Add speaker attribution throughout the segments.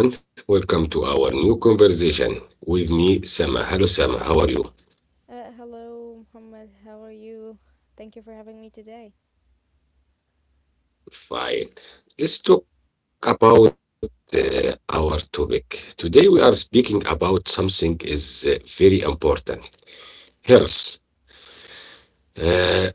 Speaker 1: Hello everyone, welcome to our new conversation with me, Sama. Hello Sama, how are you?
Speaker 2: Hello, Muhammad. How are you? Thank you for having me today.
Speaker 1: Fine. Let's talk about our topic. Today we are speaking about something is very important, health. Uh,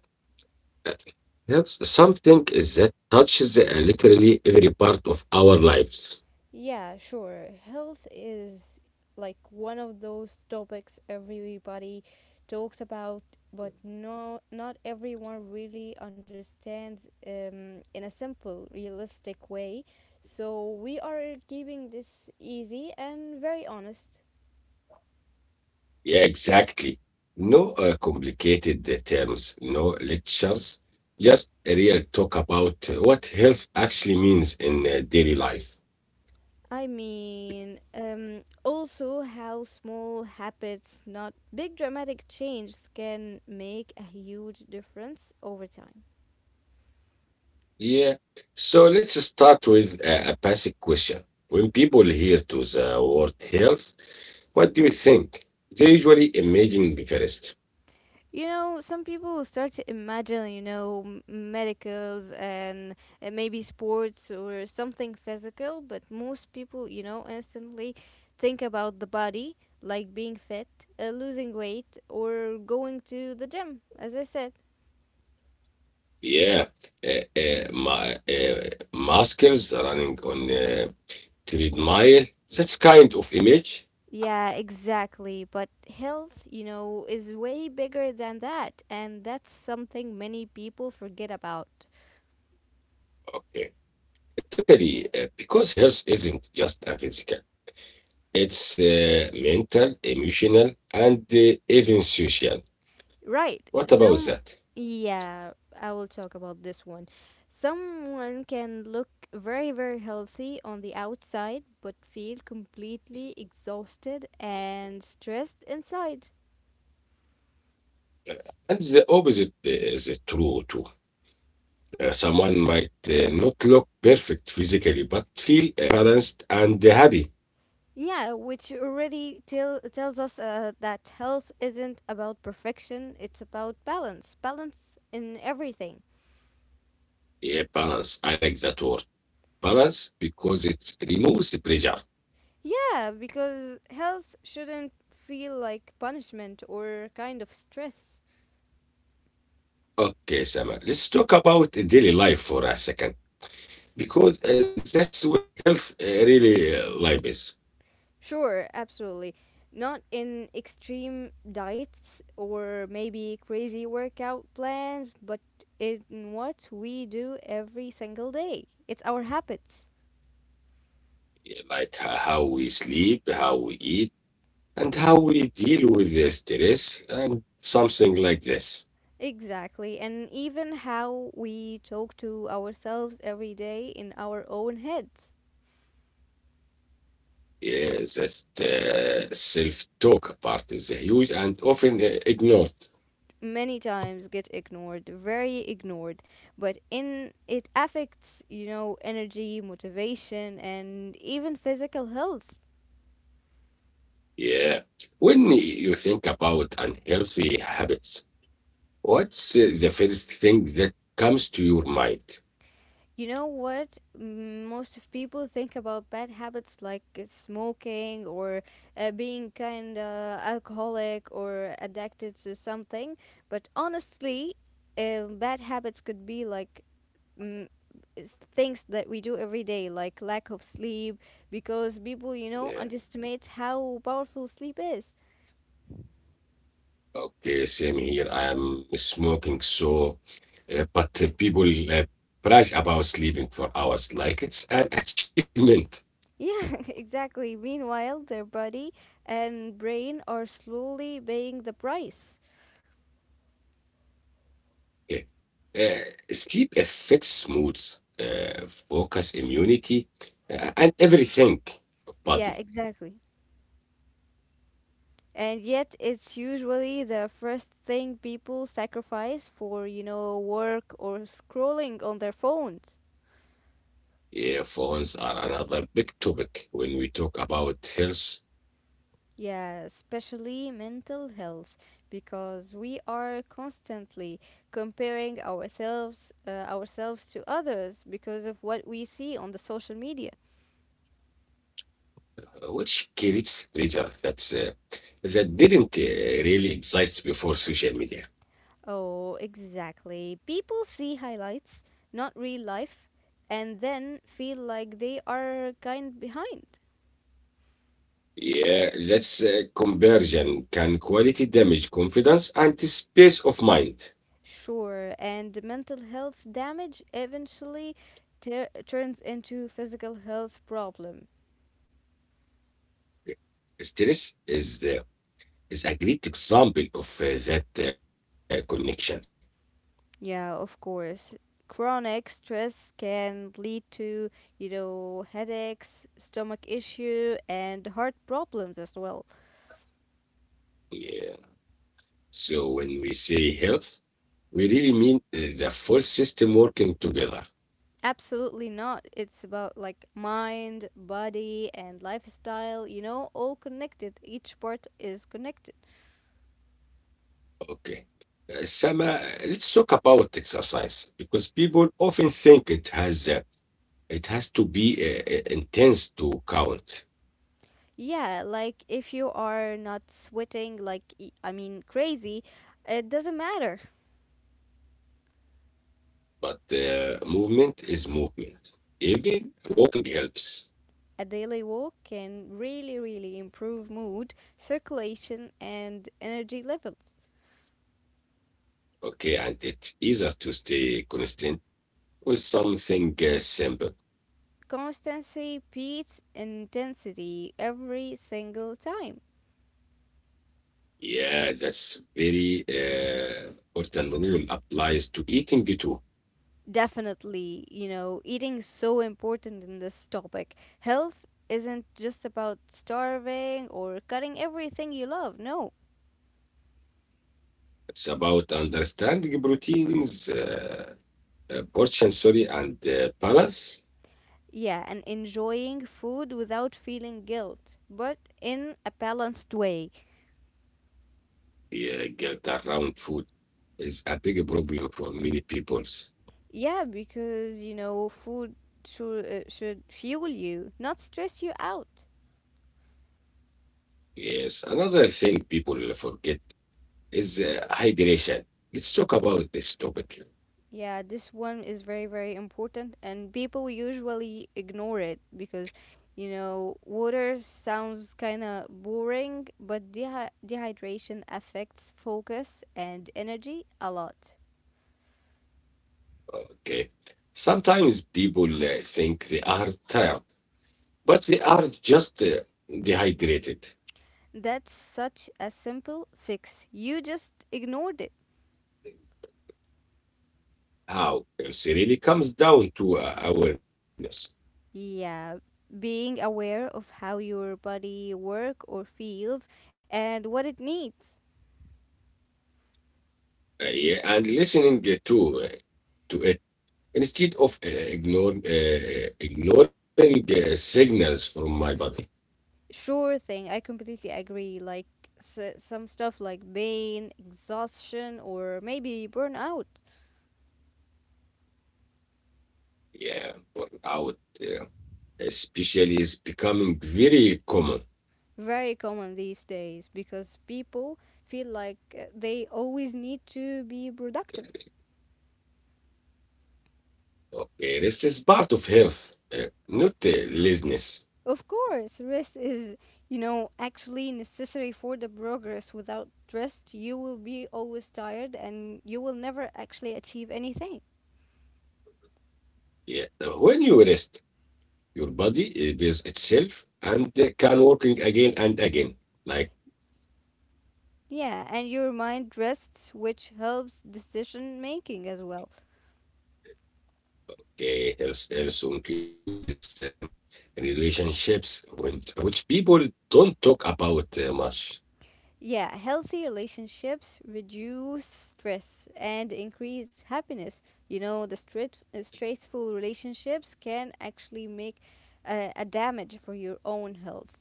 Speaker 1: Yes, something that touches literally every part of our lives.
Speaker 2: Yeah, sure. Health is like one of those topics everybody talks about, but no, not everyone really understands in a simple, realistic way. So we are keeping this easy and very honest.
Speaker 1: Yeah, exactly. No complicated terms, no lectures, just a real talk about what health actually means in daily life.
Speaker 2: I mean, also how small habits, not big dramatic changes, can make a huge difference over time.
Speaker 1: Yeah. So let's start with a basic question. When people hear to the word health, what do you think? They usually imagine the first.
Speaker 2: You know, some people start to imagine, you know, medicals and maybe sports or something physical, but most people, you know, instantly think about the body, like being fit, losing weight, or going to the gym, as I said.
Speaker 1: Yeah, ma maskers running on treadmill. That's kind of image.
Speaker 2: Yeah, exactly. But health, you know, is way bigger than that. And that's something many people forget about.
Speaker 1: Okay, totally. Because health isn't just a physical; it's mental, emotional, and even social. What
Speaker 2: Right.
Speaker 1: about that?
Speaker 2: Yeah, I will talk about this one. Someone can look very, very healthy on the outside, but feel completely exhausted and stressed inside.
Speaker 1: And the opposite is true too. Someone might not look perfect physically, but feel balanced and happy.
Speaker 2: Yeah, which already tells us that health isn't about perfection, it's about balance. Balance in everything.
Speaker 1: Yeah, balance. I like that word. Balance because it removes the pressure.
Speaker 2: Yeah, because health shouldn't feel like punishment or kind of stress.
Speaker 1: Okay, Sama, let's talk about daily life for a second because that's where health really life is.
Speaker 2: Sure, absolutely. Not in extreme diets or maybe crazy workout plans, but in what we do every single day. It's our habits.
Speaker 1: Yeah, like how we sleep, how we eat, and how we deal with the stress and something like this.
Speaker 2: Exactly. And even how we talk to ourselves every day in our own heads.
Speaker 1: Yeah, that self-talk part is huge and often ignored.
Speaker 2: Many times get ignored, very ignored, but in it affects, you know, energy, motivation and even physical health.
Speaker 1: Yeah. When you think about unhealthy habits, what's the first thing that comes to your mind?
Speaker 2: You know what? Most of people think about bad habits like smoking or being kind of alcoholic or addicted to something, but honestly, bad habits could be like mm, things that we do every day, like lack of sleep, because people, you know,
Speaker 1: Yeah.
Speaker 2: underestimate how powerful sleep is.
Speaker 1: Okay, same here. I'm smoking, so but people uh, brag about sleeping for hours like it's an achievement.
Speaker 2: Yeah, exactly. Meanwhile, their body and brain are slowly paying the price.
Speaker 1: Yeah. Sleep affects moods, focus, immunity, and everything of
Speaker 2: Yeah,
Speaker 1: body.
Speaker 2: exactly. And yet, it's usually the first thing people sacrifice for, you know, work or scrolling on their phones.
Speaker 1: Yeah, phones are another big topic when we talk about health.
Speaker 2: Yeah, especially mental health, because we are constantly comparing ourselves to others because of what we see on the social media.
Speaker 1: Which creates pressure that's that didn't really exist before social media.
Speaker 2: Oh, exactly. People see highlights, not real life, and then feel like they are kind behind.
Speaker 1: Yeah, that's conversion can quality damage confidence and space of mind.
Speaker 2: Sure, and mental health damage eventually turns into physical health problem.
Speaker 1: Stress is the is a great example of that connection.
Speaker 2: Yeah, of course. Chronic stress can lead to, you know, headaches, stomach issue, and heart problems as well.
Speaker 1: Yeah. So when we say health, we really mean the full system working together.
Speaker 2: Absolutely not. It's about like mind, body, and lifestyle, you know, all connected. Each part is connected.
Speaker 1: Okay. Sama, let's talk about exercise because people often think it has to be intense to count,
Speaker 2: Yeah, like if you are not sweating, like, I mean, crazy, it doesn't matter.
Speaker 1: but movement is movement. Even walking helps.
Speaker 2: A daily walk can really, really improve mood, circulation, and energy levels.
Speaker 1: Okay, and it's easier to stay consistent with something simple.
Speaker 2: Constancy beats intensity every single time.
Speaker 1: Yeah, that's very important rule applies to eating too.
Speaker 2: Definitely, you know, eating is so important in this topic. Health isn't just about starving or cutting everything you love, no.
Speaker 1: It's about understanding proteins, portion, sorry, and balance.
Speaker 2: Yeah, and enjoying food without feeling guilt, but in a balanced way.
Speaker 1: Yeah, get around food is a big problem for many people.
Speaker 2: Yeah, because, you know, food should fuel you, not stress you out.
Speaker 1: Yes, another thing people forget is hydration. Let's talk about this topic.
Speaker 2: Yeah, this one is very, very important, and people usually ignore it because, you know, water sounds kind of boring, but dehydration affects focus and energy a lot.
Speaker 1: Okay. Sometimes people think they are tired, but they are just dehydrated.
Speaker 2: That's such a simple fix. You just ignored it.
Speaker 1: How? It really comes down to awareness
Speaker 2: Yeah, being aware of how your body work or feels and what it needs.
Speaker 1: yeah, and listening uh, to it instead of ignoring signals from my body.
Speaker 2: Sure thing, I completely agree. Like some stuff like pain, exhaustion, or maybe burnout,
Speaker 1: Yeah, burnout, especially, is becoming very common.
Speaker 2: very common these days because people feel like they always need to be productive.
Speaker 1: Okay, rest is part of health, not laziness.
Speaker 2: Of course, rest is, you know, actually necessary for the progress. Without rest, you will be always tired and you will never actually achieve anything.
Speaker 1: Yeah, when you rest, your body repair itself and can working again and again. Like
Speaker 2: Yeah, and your mind rests, which helps decision making as well.
Speaker 1: health, also includes relationships, which people don't talk about much.
Speaker 2: Yeah, healthy relationships reduce stress and increase happiness. You know, the stressful relationships can actually make a damage for your own health.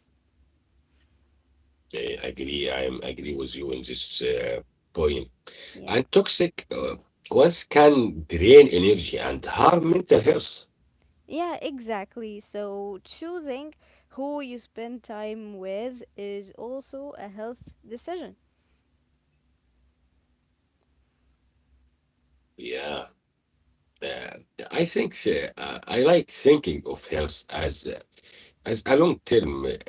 Speaker 1: Eh, I agree. I am agree with you on this point. And
Speaker 2: Yeah.
Speaker 1: toxic ones can drain energy and harm mental health.
Speaker 2: Yeah, exactly. So choosing who you spend time with is also a health decision.
Speaker 1: Yeah, uh, I think I like thinking of health as a long term relationship with yourself.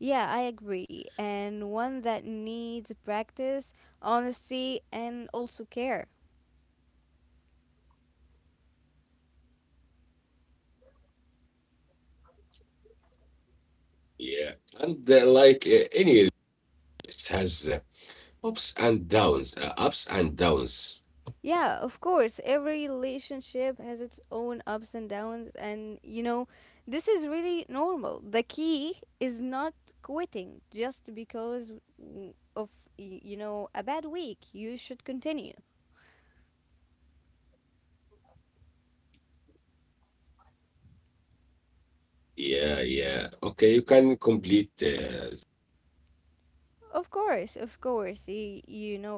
Speaker 2: Yeah, I agree. And one that needs practice, honesty, and also care.
Speaker 1: Yeah, and like any it has ups and downs.
Speaker 2: Yeah, of course. Every relationship has its own ups and downs, and you know, this is really normal. The key is not quitting just because of a bad week. You should continue.
Speaker 1: Yeah, yeah. Okay, you can complete this point, Sama.
Speaker 2: Of course, of course. You know,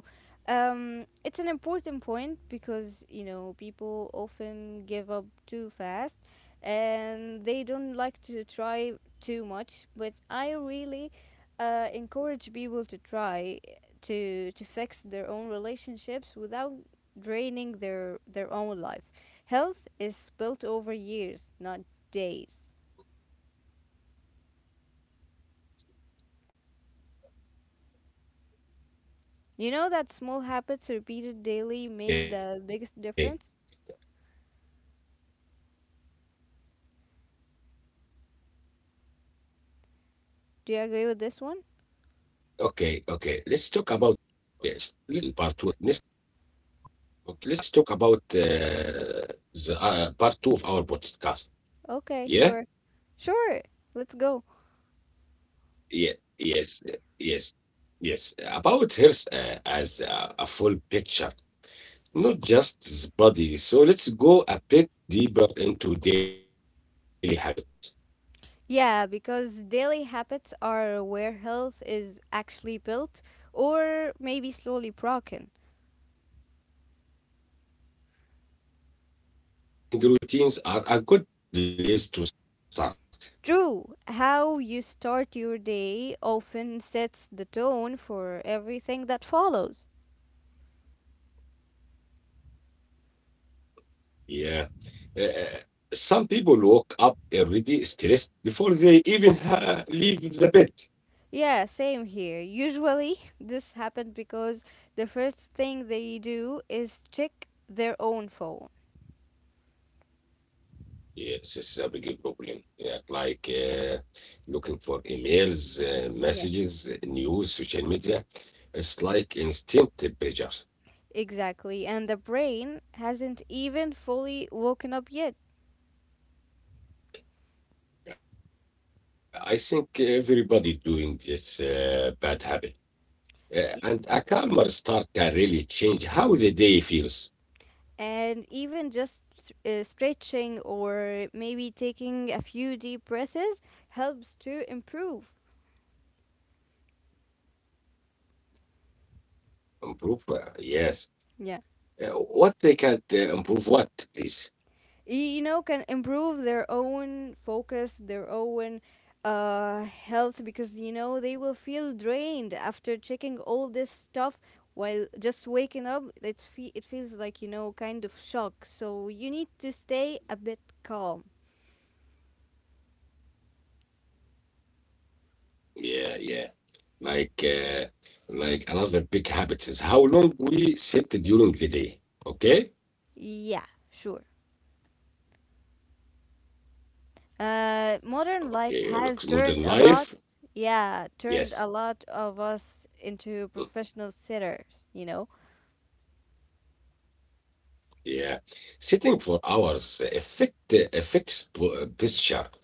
Speaker 2: it's an important point because, you know, people often give up too fast and they don't like to try too much. But I really encourage people to try to fix their own relationships without draining their own life. Health is built over years, not days. You know that small habits repeated daily
Speaker 1: Okay,
Speaker 2: make the biggest
Speaker 1: okay,
Speaker 2: difference?
Speaker 1: okay. Let's talk about something else. Okay, let's
Speaker 2: Do you
Speaker 1: talk
Speaker 2: agree
Speaker 1: to
Speaker 2: with this one?
Speaker 1: another thing. Yeah. In part two in our podcast. Yeah, yeah, yeah. Let's talk about the part two of our podcast. Yeah,
Speaker 2: Okay, sure. Sure. Let's go.
Speaker 1: yeah, yes, uh, yes, yes. About health as a full picture, not just the body. So let's go a bit deeper into daily habits.
Speaker 2: Yeah, because daily habits are where health is actually built or maybe slowly broken.
Speaker 1: Yeah, morning, like morning routines, are a good place to start.
Speaker 2: True, how you start your day often sets the tone for everything that follows.
Speaker 1: Yeah. Uh, some people woke up already stressed before they even leave the bed.
Speaker 2: Yeah, same here. Usually, this happens because the first thing they do is check their own phone.
Speaker 1: Yes, it's a big problem. Yeah, like looking for emails, messages, news, social media. It's like instant pressure.
Speaker 2: Exactly. And the brain hasn't even fully woken up yet.
Speaker 1: I think everybody doing this bad habit.
Speaker 2: Yeah,
Speaker 1: And a calmer start can really change how the day feels.
Speaker 2: and even just stretching or maybe taking a few deep breaths helps to improve.
Speaker 1: Improve, yes.
Speaker 2: Yeah.
Speaker 1: What they can't improve, what, please?
Speaker 2: You know, can improve their own focus, their own health because, you know, they will feel drained after checking all this stuff while just waking up. It feels like, you know, kind of shock. So you need to stay a bit calm.
Speaker 1: Yeah, yeah. Like uh, like another big habit is how long we sit during the day. Okay?
Speaker 2: Yeah, sure. Modern life
Speaker 1: Okay, looks
Speaker 2: has turned
Speaker 1: modern
Speaker 2: a lot,
Speaker 1: life.
Speaker 2: yeah, turned a
Speaker 1: Yes.
Speaker 2: lot of us into
Speaker 1: Mm,
Speaker 2: professional sitters, you know,
Speaker 1: yeah. Sitting for hours affects posture,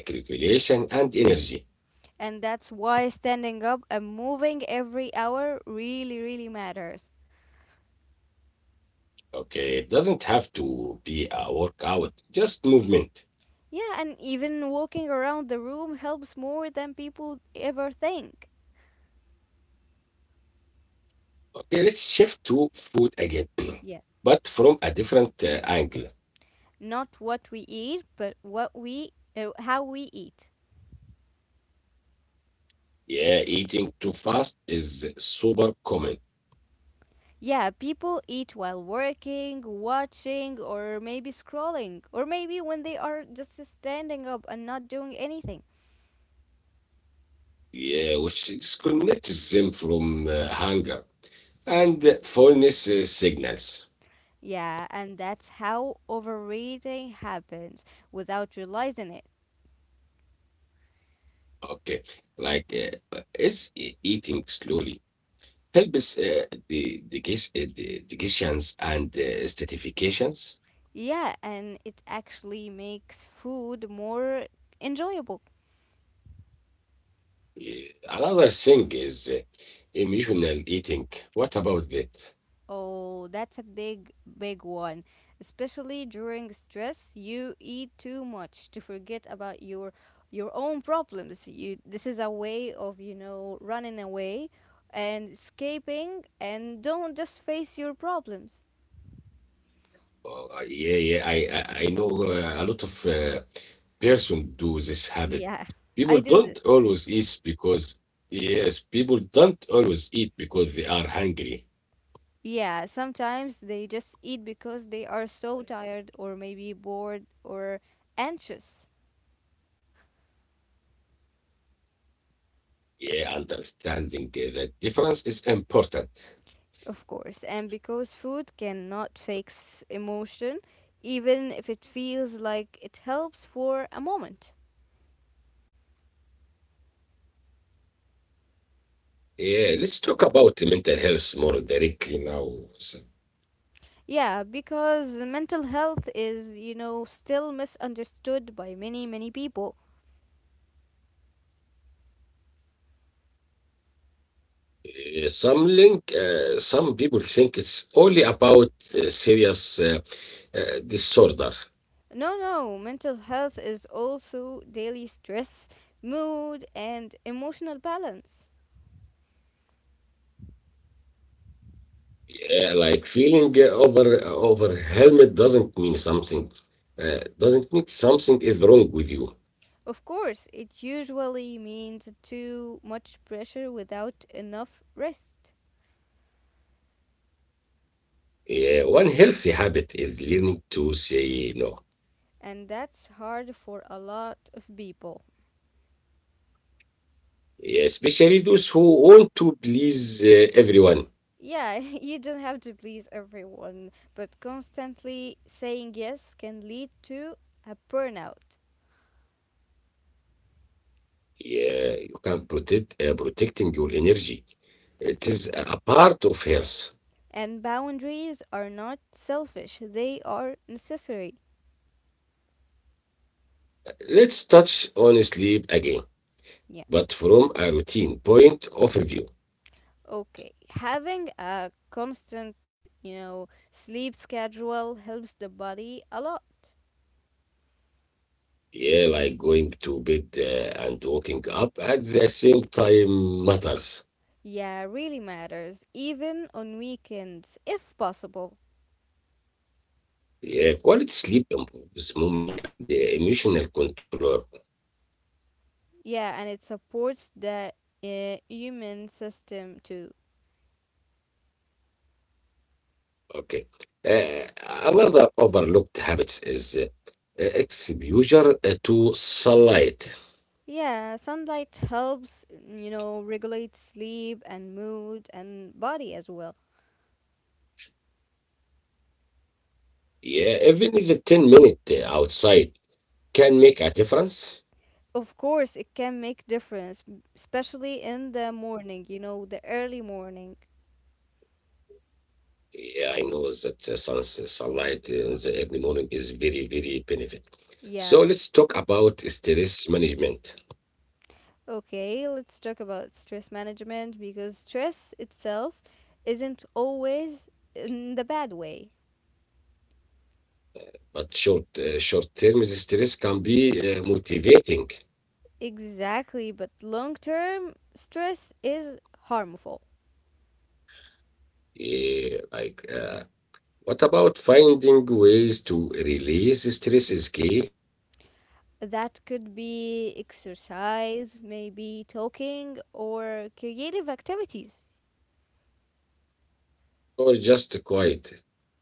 Speaker 1: calculation, and energy.
Speaker 2: and that's why standing up and moving every hour really, really matters.
Speaker 1: Okay, it doesn't have to be a workout, just movement.
Speaker 2: Yeah, and even walking around the room helps more than people ever think.
Speaker 1: Okay, let's shift to food again,
Speaker 2: Yeah,
Speaker 1: but from a different angle.
Speaker 2: not what we eat, but how we eat.
Speaker 1: Yeah, eating too fast is super common.
Speaker 2: Yeah, people eat while working, watching, or maybe scrolling, or maybe when they are just standing up and not doing anything.
Speaker 1: Yeah, which disconnects them from hunger and fullness signals.
Speaker 2: Yeah, and that's how overeating happens without realizing it.
Speaker 1: Okay, like eating slowly helps the digestions and stratifications.
Speaker 2: Yeah, and it actually makes food more enjoyable.
Speaker 1: Yeah. Another thing is emotional eating. What about that?
Speaker 2: Oh, that's a big, big one. Especially during stress, you eat too much to forget about your own problems. You this is a way of, you know, running away and escaping and don't just face your problems.
Speaker 1: Yeah, yeah. I know a lot of person do this habit.
Speaker 2: Yeah, I
Speaker 1: People
Speaker 2: do
Speaker 1: don't
Speaker 2: this.
Speaker 1: always eat because Yes, people don't always eat because they are hungry.
Speaker 2: Yeah, sometimes they just eat because they are so tired or maybe bored or anxious.
Speaker 1: Yeah, understanding that difference is important.
Speaker 2: Of course, and because food cannot fix emotion, even if it feels like it helps for a moment.
Speaker 1: Yeah, let's talk about mental health more directly now. So,
Speaker 2: Yeah, because mental health is, you know, still misunderstood by many, many people.
Speaker 1: some people think it's only about serious uh, disorder.
Speaker 2: No, no, mental health is also daily stress, mood, and emotional balance.
Speaker 1: Yeah, like feeling overwhelmed doesn't mean something is wrong with you.
Speaker 2: Of course, it usually means too much pressure without enough rest,
Speaker 1: Yeah, one healthy habit is learning to say no.
Speaker 2: and that's hard for a lot of people.
Speaker 1: Yeah, especially those who want to please everyone.
Speaker 2: Yeah, you don't have to please everyone, but constantly saying yes can lead to a burnout.
Speaker 1: Yeah, you can protect protecting your energy. It is a part of health.
Speaker 2: And boundaries are not selfish, they are necessary.
Speaker 1: Let's touch on sleep again,
Speaker 2: Yeah.
Speaker 1: but from a routine point of view.
Speaker 2: Okay. Having a constant, you know, sleep schedule helps the body a lot.
Speaker 1: Yeah, like going to bed and waking up at the same time matters.
Speaker 2: Yeah, really matters, even on weekends, if possible.
Speaker 1: Yeah, quality sleep improves memory and emotional control.
Speaker 2: Yeah, and it supports the human system too.
Speaker 1: Okay. Uh, Another overlooked habits is exposure to sunlight.
Speaker 2: Yeah, sunlight helps, you know, regulate sleep and mood and body as well.
Speaker 1: Yeah, even the 10 minute outside can make a difference.
Speaker 2: Of course, it can make difference, especially in the morning, you know, the early morning.
Speaker 1: Yeah, I know that suns sunlight in the early morning is very, very benefit. So let's talk
Speaker 2: Yeah.
Speaker 1: about stress management.
Speaker 2: Okay, let's talk about stress management because stress itself isn't always in the bad way.
Speaker 1: But short-term stress can be motivating.
Speaker 2: Exactly, but long-term stress is harmful.
Speaker 1: Eh, like, uh, what about finding ways to release stress is key,
Speaker 2: That could be exercise, maybe talking, or creative activities.
Speaker 1: or just quiet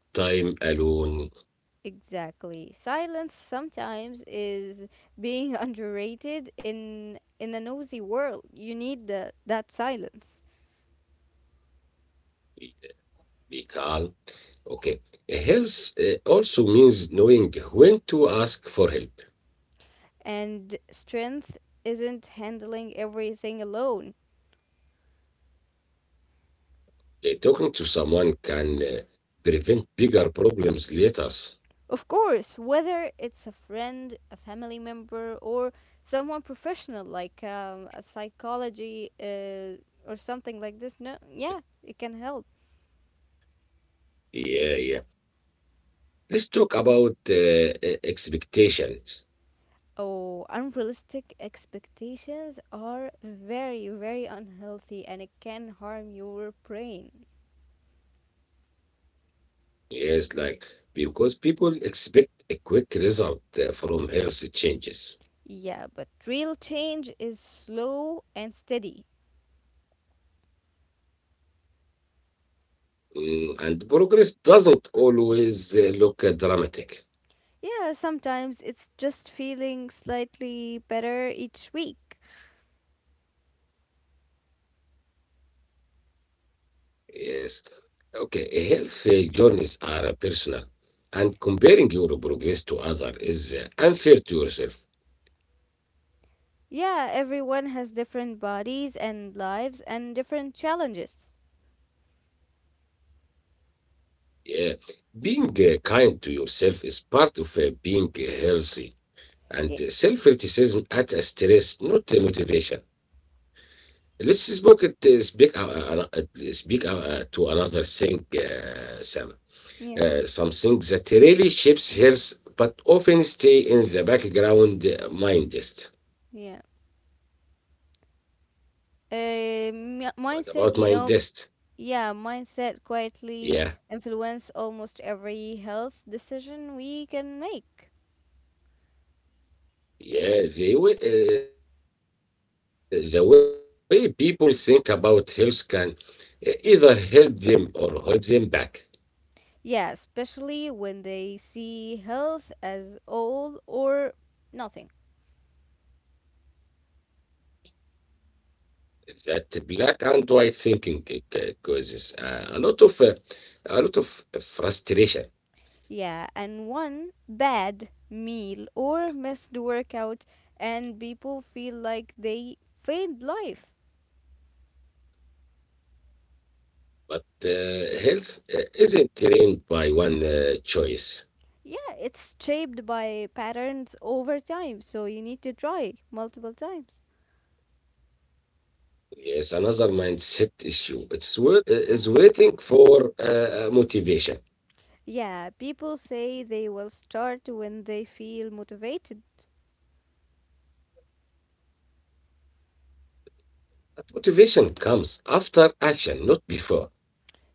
Speaker 1: time alone,
Speaker 2: Exactly. Silence sometimes is being underrated in a nosy world. You need that silence.
Speaker 1: be be calm. Okay. Health also means knowing when to ask for help.
Speaker 2: And strength isn't handling everything alone.
Speaker 1: Talking to someone can prevent bigger problems later.
Speaker 2: Of course, whether it's a friend, a family member, or someone professional like a psychology or something like this, no, yeah, it can help.
Speaker 1: Yeah, yeah. Let's talk about expectations.
Speaker 2: Oh, unrealistic expectations are very, very unhealthy and it can harm your brain.
Speaker 1: Yes, like because people expect a quick result from health changes.
Speaker 2: Yeah, but real change is slow and steady.
Speaker 1: Mm, and progress doesn't always look dramatic.
Speaker 2: Yeah, sometimes it's just feeling slightly better each week.
Speaker 1: Yes, okay, health journeys are personal, and comparing your progress to others is unfair to yourself.
Speaker 2: Yeah, everyone has different bodies and lives and different challenges.
Speaker 1: Yeah, being kind to yourself is part of being healthy, and
Speaker 2: Yeah,
Speaker 1: self criticism at a stress, not a motivation. Let's speak it, speak speak to another thing, Sam.
Speaker 2: yeah,
Speaker 1: Something that really shapes health, but often stay in the background. Mindest.
Speaker 2: yeah. Um,
Speaker 1: What about
Speaker 2: mindset, you know,
Speaker 1: mindest?
Speaker 2: Yeah, mindset quietly
Speaker 1: Yeah,
Speaker 2: influence almost every health decision we can make.
Speaker 1: yeah. The way people think about health can either help them or hold them back.
Speaker 2: Yeah, especially when they see health as all or nothing.
Speaker 1: That black and white thinking causes a lot of frustration.
Speaker 2: Yeah, and one bad meal or missed workout, and people feel like they failed life.
Speaker 1: But health isn't trained by one choice.
Speaker 2: Yeah, it's shaped by patterns over time, so you need to try multiple times.
Speaker 1: Yes, another mindset issue. It's waiting for motivation.
Speaker 2: Yeah, people say they will start when they feel motivated.
Speaker 1: But motivation comes after action, not before.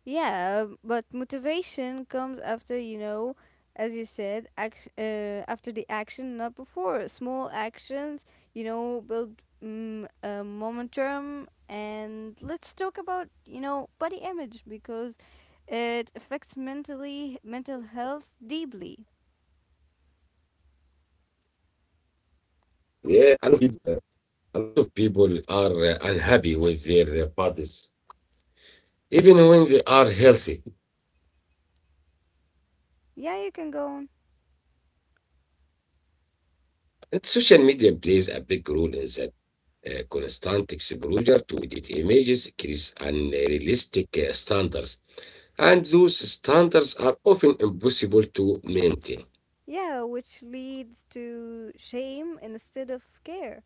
Speaker 2: Yeah, but motivation comes after, you know, as you said, after the action, not before. Small actions, you know, build momentum. And let's talk about, you know, body image because it affects mental health deeply.
Speaker 1: Yeah, uh, a lot of people are unhappy with their bodies, even when they are healthy.
Speaker 2: Yeah, you can go on.
Speaker 1: And social media plays a big role in that. Constant exposure to edit images creates unrealistic standards. And those standards are often impossible to maintain.
Speaker 2: Yeah, which leads to shame instead of care.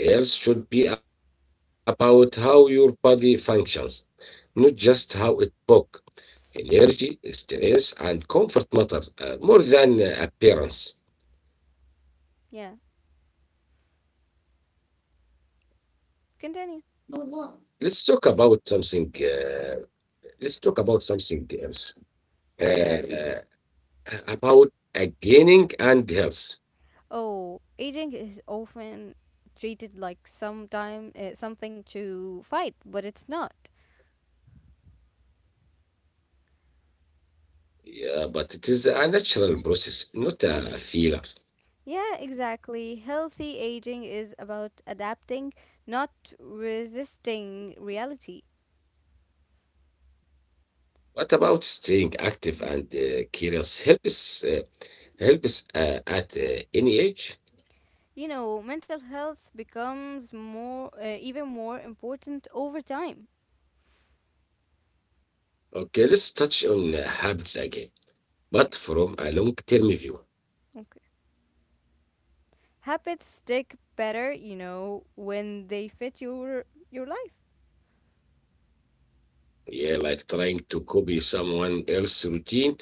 Speaker 1: Yes, yes, health should be about how your body functions, not just how it works. Energy, stress, and comfort matter more than appearance.
Speaker 2: Yeah, continue.
Speaker 1: Let's talk about something. Let's talk about something else. Uh,
Speaker 2: Yeah.
Speaker 1: uh, about gaining and health.
Speaker 2: Oh, aging is often treated like sometime something to fight, but it's not.
Speaker 1: Yeah, but it is a natural process, not
Speaker 2: Yeah.
Speaker 1: a filler.
Speaker 2: Yeah, exactly. Healthy aging is about adapting, not resisting reality.
Speaker 1: What about staying active and curious? Helps us, help at any age.
Speaker 2: You know, mental health becomes more even more important over time.
Speaker 1: Okay, let's touch on habits again,
Speaker 2: Yeah.
Speaker 1: but from a long-term view.
Speaker 2: Okay. Habits stick better, you know, when they fit your life.
Speaker 1: Yeah, like trying to copy someone else's routine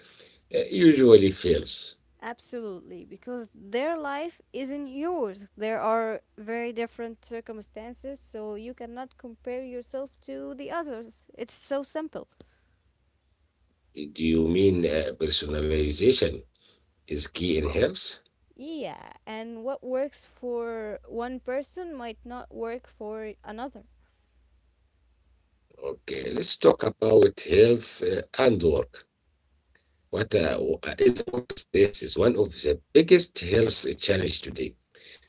Speaker 1: uh, usually fails.
Speaker 2: Absolutely, because their life isn't yours. There are very different circumstances, so you cannot compare yourself to the others. It's so simple.
Speaker 1: Do you mean personalization is key in health?
Speaker 2: Yeah, and what works for one person might not work for another.
Speaker 1: Okay, let's talk about health and work. What is a Work stress is one of the biggest health challenge today.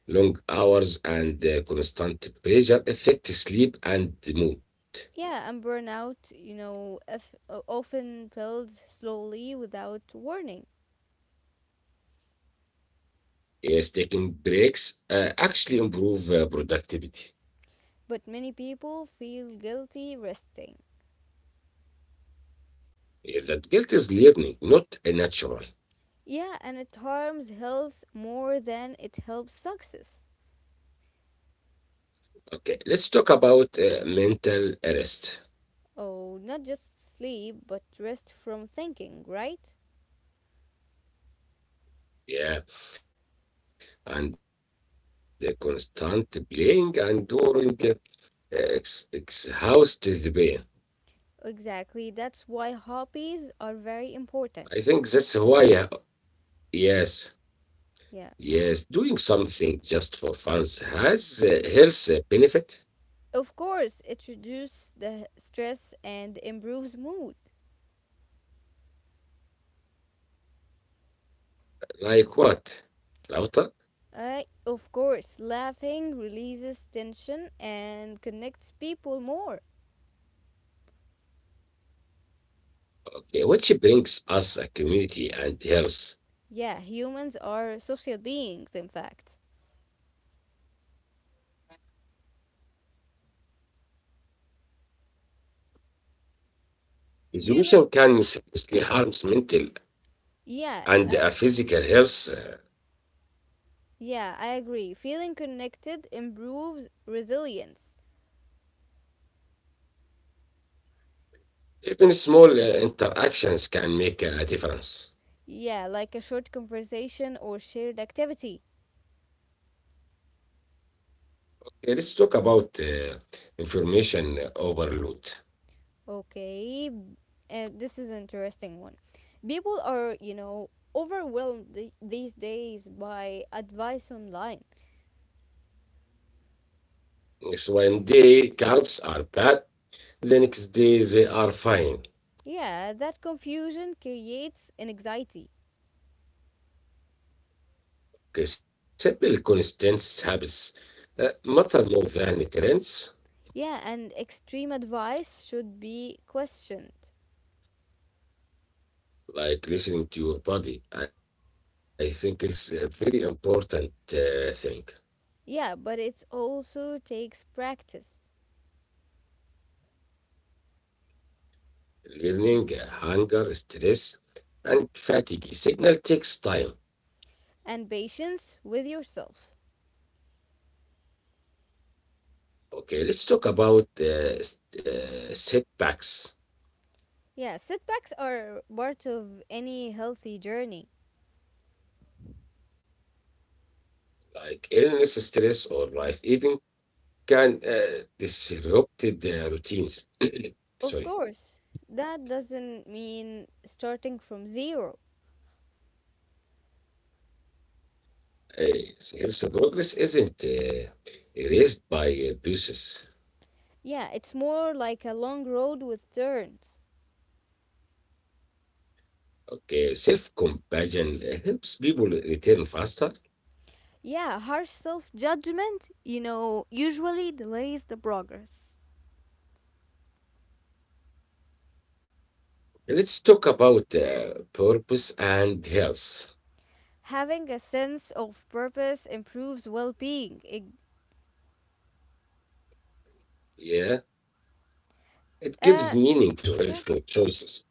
Speaker 1: Long hours and constant pressure affect sleep and mood.
Speaker 2: Yeah, and burnout, you know, if, o- often builds slowly without warning,
Speaker 1: Yes, taking breaks actually improve productivity.
Speaker 2: but many people feel guilty resting.
Speaker 1: Yeah, that guilt is learning, not a natural.
Speaker 2: Yeah, and it harms health more than it helps success.
Speaker 1: Okay, let's talk about mental rest.
Speaker 2: Oh, not just sleep, but rest from thinking, right?
Speaker 1: Yeah, and the constant playing and during exhaust the brain.
Speaker 2: Exactly. That's why hobbies are very important.
Speaker 1: I think that's why, yes,
Speaker 2: Yeah.
Speaker 1: yes, doing something just for fun has a health benefit.
Speaker 2: Of course, it reduces the stress and improves mood.
Speaker 1: Like what? Lauta?
Speaker 2: Of course, laughing releases tension and connects people more.
Speaker 1: Okay, which brings us a community and health.
Speaker 2: Yeah, humans are social beings, in fact. Do you know?
Speaker 1: Isolation can seriously harm mental
Speaker 2: Yeah,
Speaker 1: and physical health.
Speaker 2: yeah, I agree. Feeling connected improves resilience.
Speaker 1: Even small interactions can make a difference.
Speaker 2: Yeah, like a short conversation or shared activity.
Speaker 1: Okay, let's talk about information overload.
Speaker 2: Okay, this is an interesting one. People are, you know, overwhelmed these days by advice online.
Speaker 1: So one day carbs are bad, the next day they are fine.
Speaker 2: Yeah, that confusion creates an anxiety.
Speaker 1: Okay, simple consistent habits matter more than trends,
Speaker 2: Yeah, and extreme advice should be questioned.
Speaker 1: like listening to your body. I think it's a very important thing.
Speaker 2: Yeah, but it also takes practice
Speaker 1: Learning, hunger, stress, and fatigue signal takes time.
Speaker 2: and patience with yourself.
Speaker 1: Okay, let's talk about setbacks
Speaker 2: Yeah, setbacks are part of any healthy journey.
Speaker 1: like illness, stress, or life even can disrupt the routines.
Speaker 2: Of
Speaker 1: Sorry,
Speaker 2: course, that doesn't mean starting from zero.
Speaker 1: health progress isn't erased by abuses.
Speaker 2: Yeah, it's more like a long road with turns.
Speaker 1: Okay, self-compassion helps people return faster.
Speaker 2: Yeah, harsh self judgment, you know, usually delays the progress.
Speaker 1: Let's talk about purpose and health.
Speaker 2: Having a sense of purpose improves well being.
Speaker 1: Yeah, it gives
Speaker 2: Uh,
Speaker 1: meaning to
Speaker 2: yeah,
Speaker 1: healthful choices.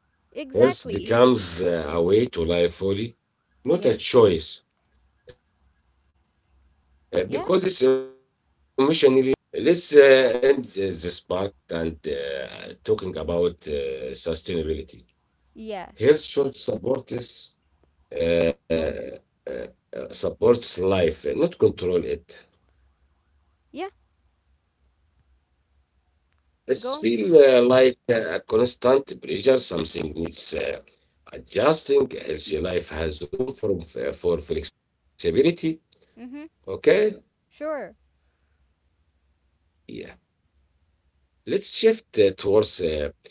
Speaker 1: Health
Speaker 2: exactly.
Speaker 1: becomes a way to live fully, not
Speaker 2: Yeah,
Speaker 1: a choice, because it's emotionally meaningful.
Speaker 2: yeah,
Speaker 1: Let's end this part and talking about sustainability.
Speaker 2: yeah,
Speaker 1: Health should support us, uh, uh, supports life, not control it.
Speaker 2: yeah. Go
Speaker 1: It's
Speaker 2: on.
Speaker 1: feel like a constant pressure, something needs adjusting. A healthy life has room for flexibility.
Speaker 2: Mm hmm.
Speaker 1: Okay,
Speaker 2: Sure. Sure.
Speaker 1: yeah. Let's shift towards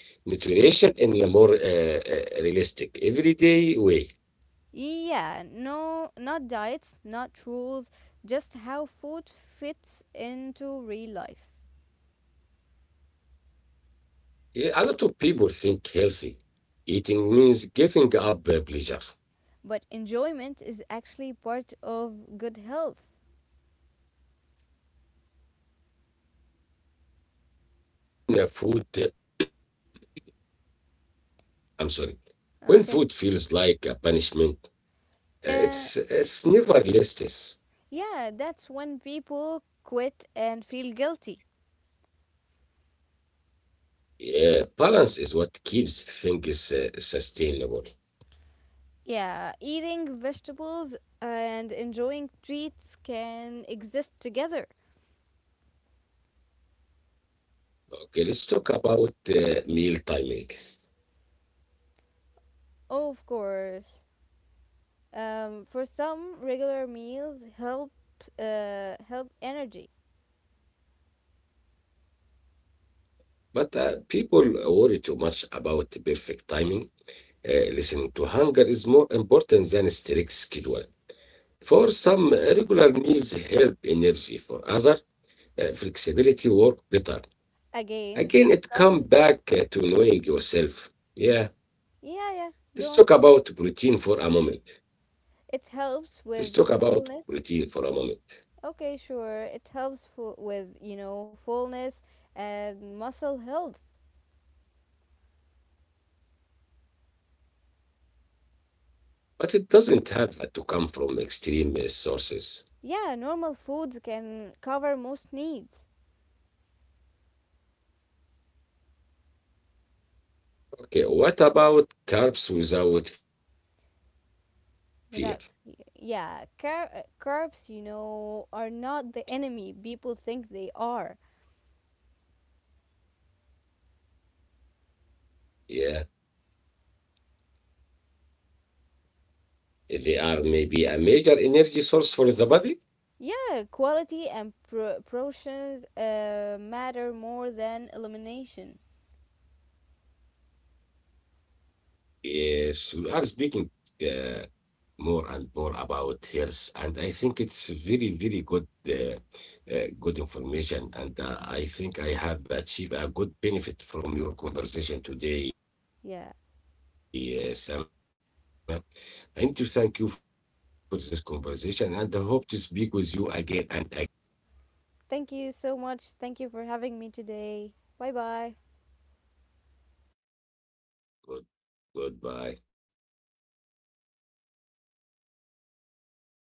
Speaker 1: nutrition in a more realistic, everyday way.
Speaker 2: Yeah, no, not diets, not rules, just how food fits into real life.
Speaker 1: Yeah, a lot of people think healthy eating means giving up pleasure.
Speaker 2: But enjoyment is actually part of good health.
Speaker 1: But health, when food, I'm sorry, When
Speaker 2: Okay.
Speaker 1: food feels like a punishment,
Speaker 2: Uh,
Speaker 1: It's never listless.
Speaker 2: yeah, that's when people quit and feel guilty.
Speaker 1: Balance is what keeps things sustainable.
Speaker 2: Yeah, eating vegetables and enjoying treats can exist together.
Speaker 1: Okay, let's talk about meal timing.
Speaker 2: Oh, of course. For some, regular meals help energy.
Speaker 1: But people worry too much about the perfect timing. Listening to hunger is more important than strict schedule. For some, regular meals help energy. For other, flexibility work better.
Speaker 2: Again,
Speaker 1: Again,
Speaker 2: it
Speaker 1: it comes
Speaker 2: comes.
Speaker 1: back to knowing yourself.
Speaker 2: y-
Speaker 1: Yeah,
Speaker 2: Yeah, yeah, go
Speaker 1: let's
Speaker 2: on.
Speaker 1: talk about protein for a moment.
Speaker 2: It helps
Speaker 1: Let's
Speaker 2: with
Speaker 1: talk about
Speaker 2: fullness.
Speaker 1: protein for a moment,
Speaker 2: Okay, sure. It helps with, you know, fullness and muscle health.
Speaker 1: But it doesn't have that to come from extreme sources.
Speaker 2: Yeah, normal foods can cover most needs
Speaker 1: Okay, what about carbs without fear?
Speaker 2: without. Yeah, carbs, you know, are not the enemy people think they are.
Speaker 1: Yeah, they are maybe a major energy source for the body.
Speaker 2: Yeah, quality and portions matter more than elimination.
Speaker 1: Yes, we are speaking uh, more and more about health, and I think it's very good, good information. And I think I have achieved a good benefit from your conversation
Speaker 2: Yeah.
Speaker 1: today, Sama. I need to thank you for this conversation, and I hope to speak with you again and again. Thank you.
Speaker 2: Thank you so much. Thank you for having me today. Bye bye.
Speaker 1: Good, goodbye.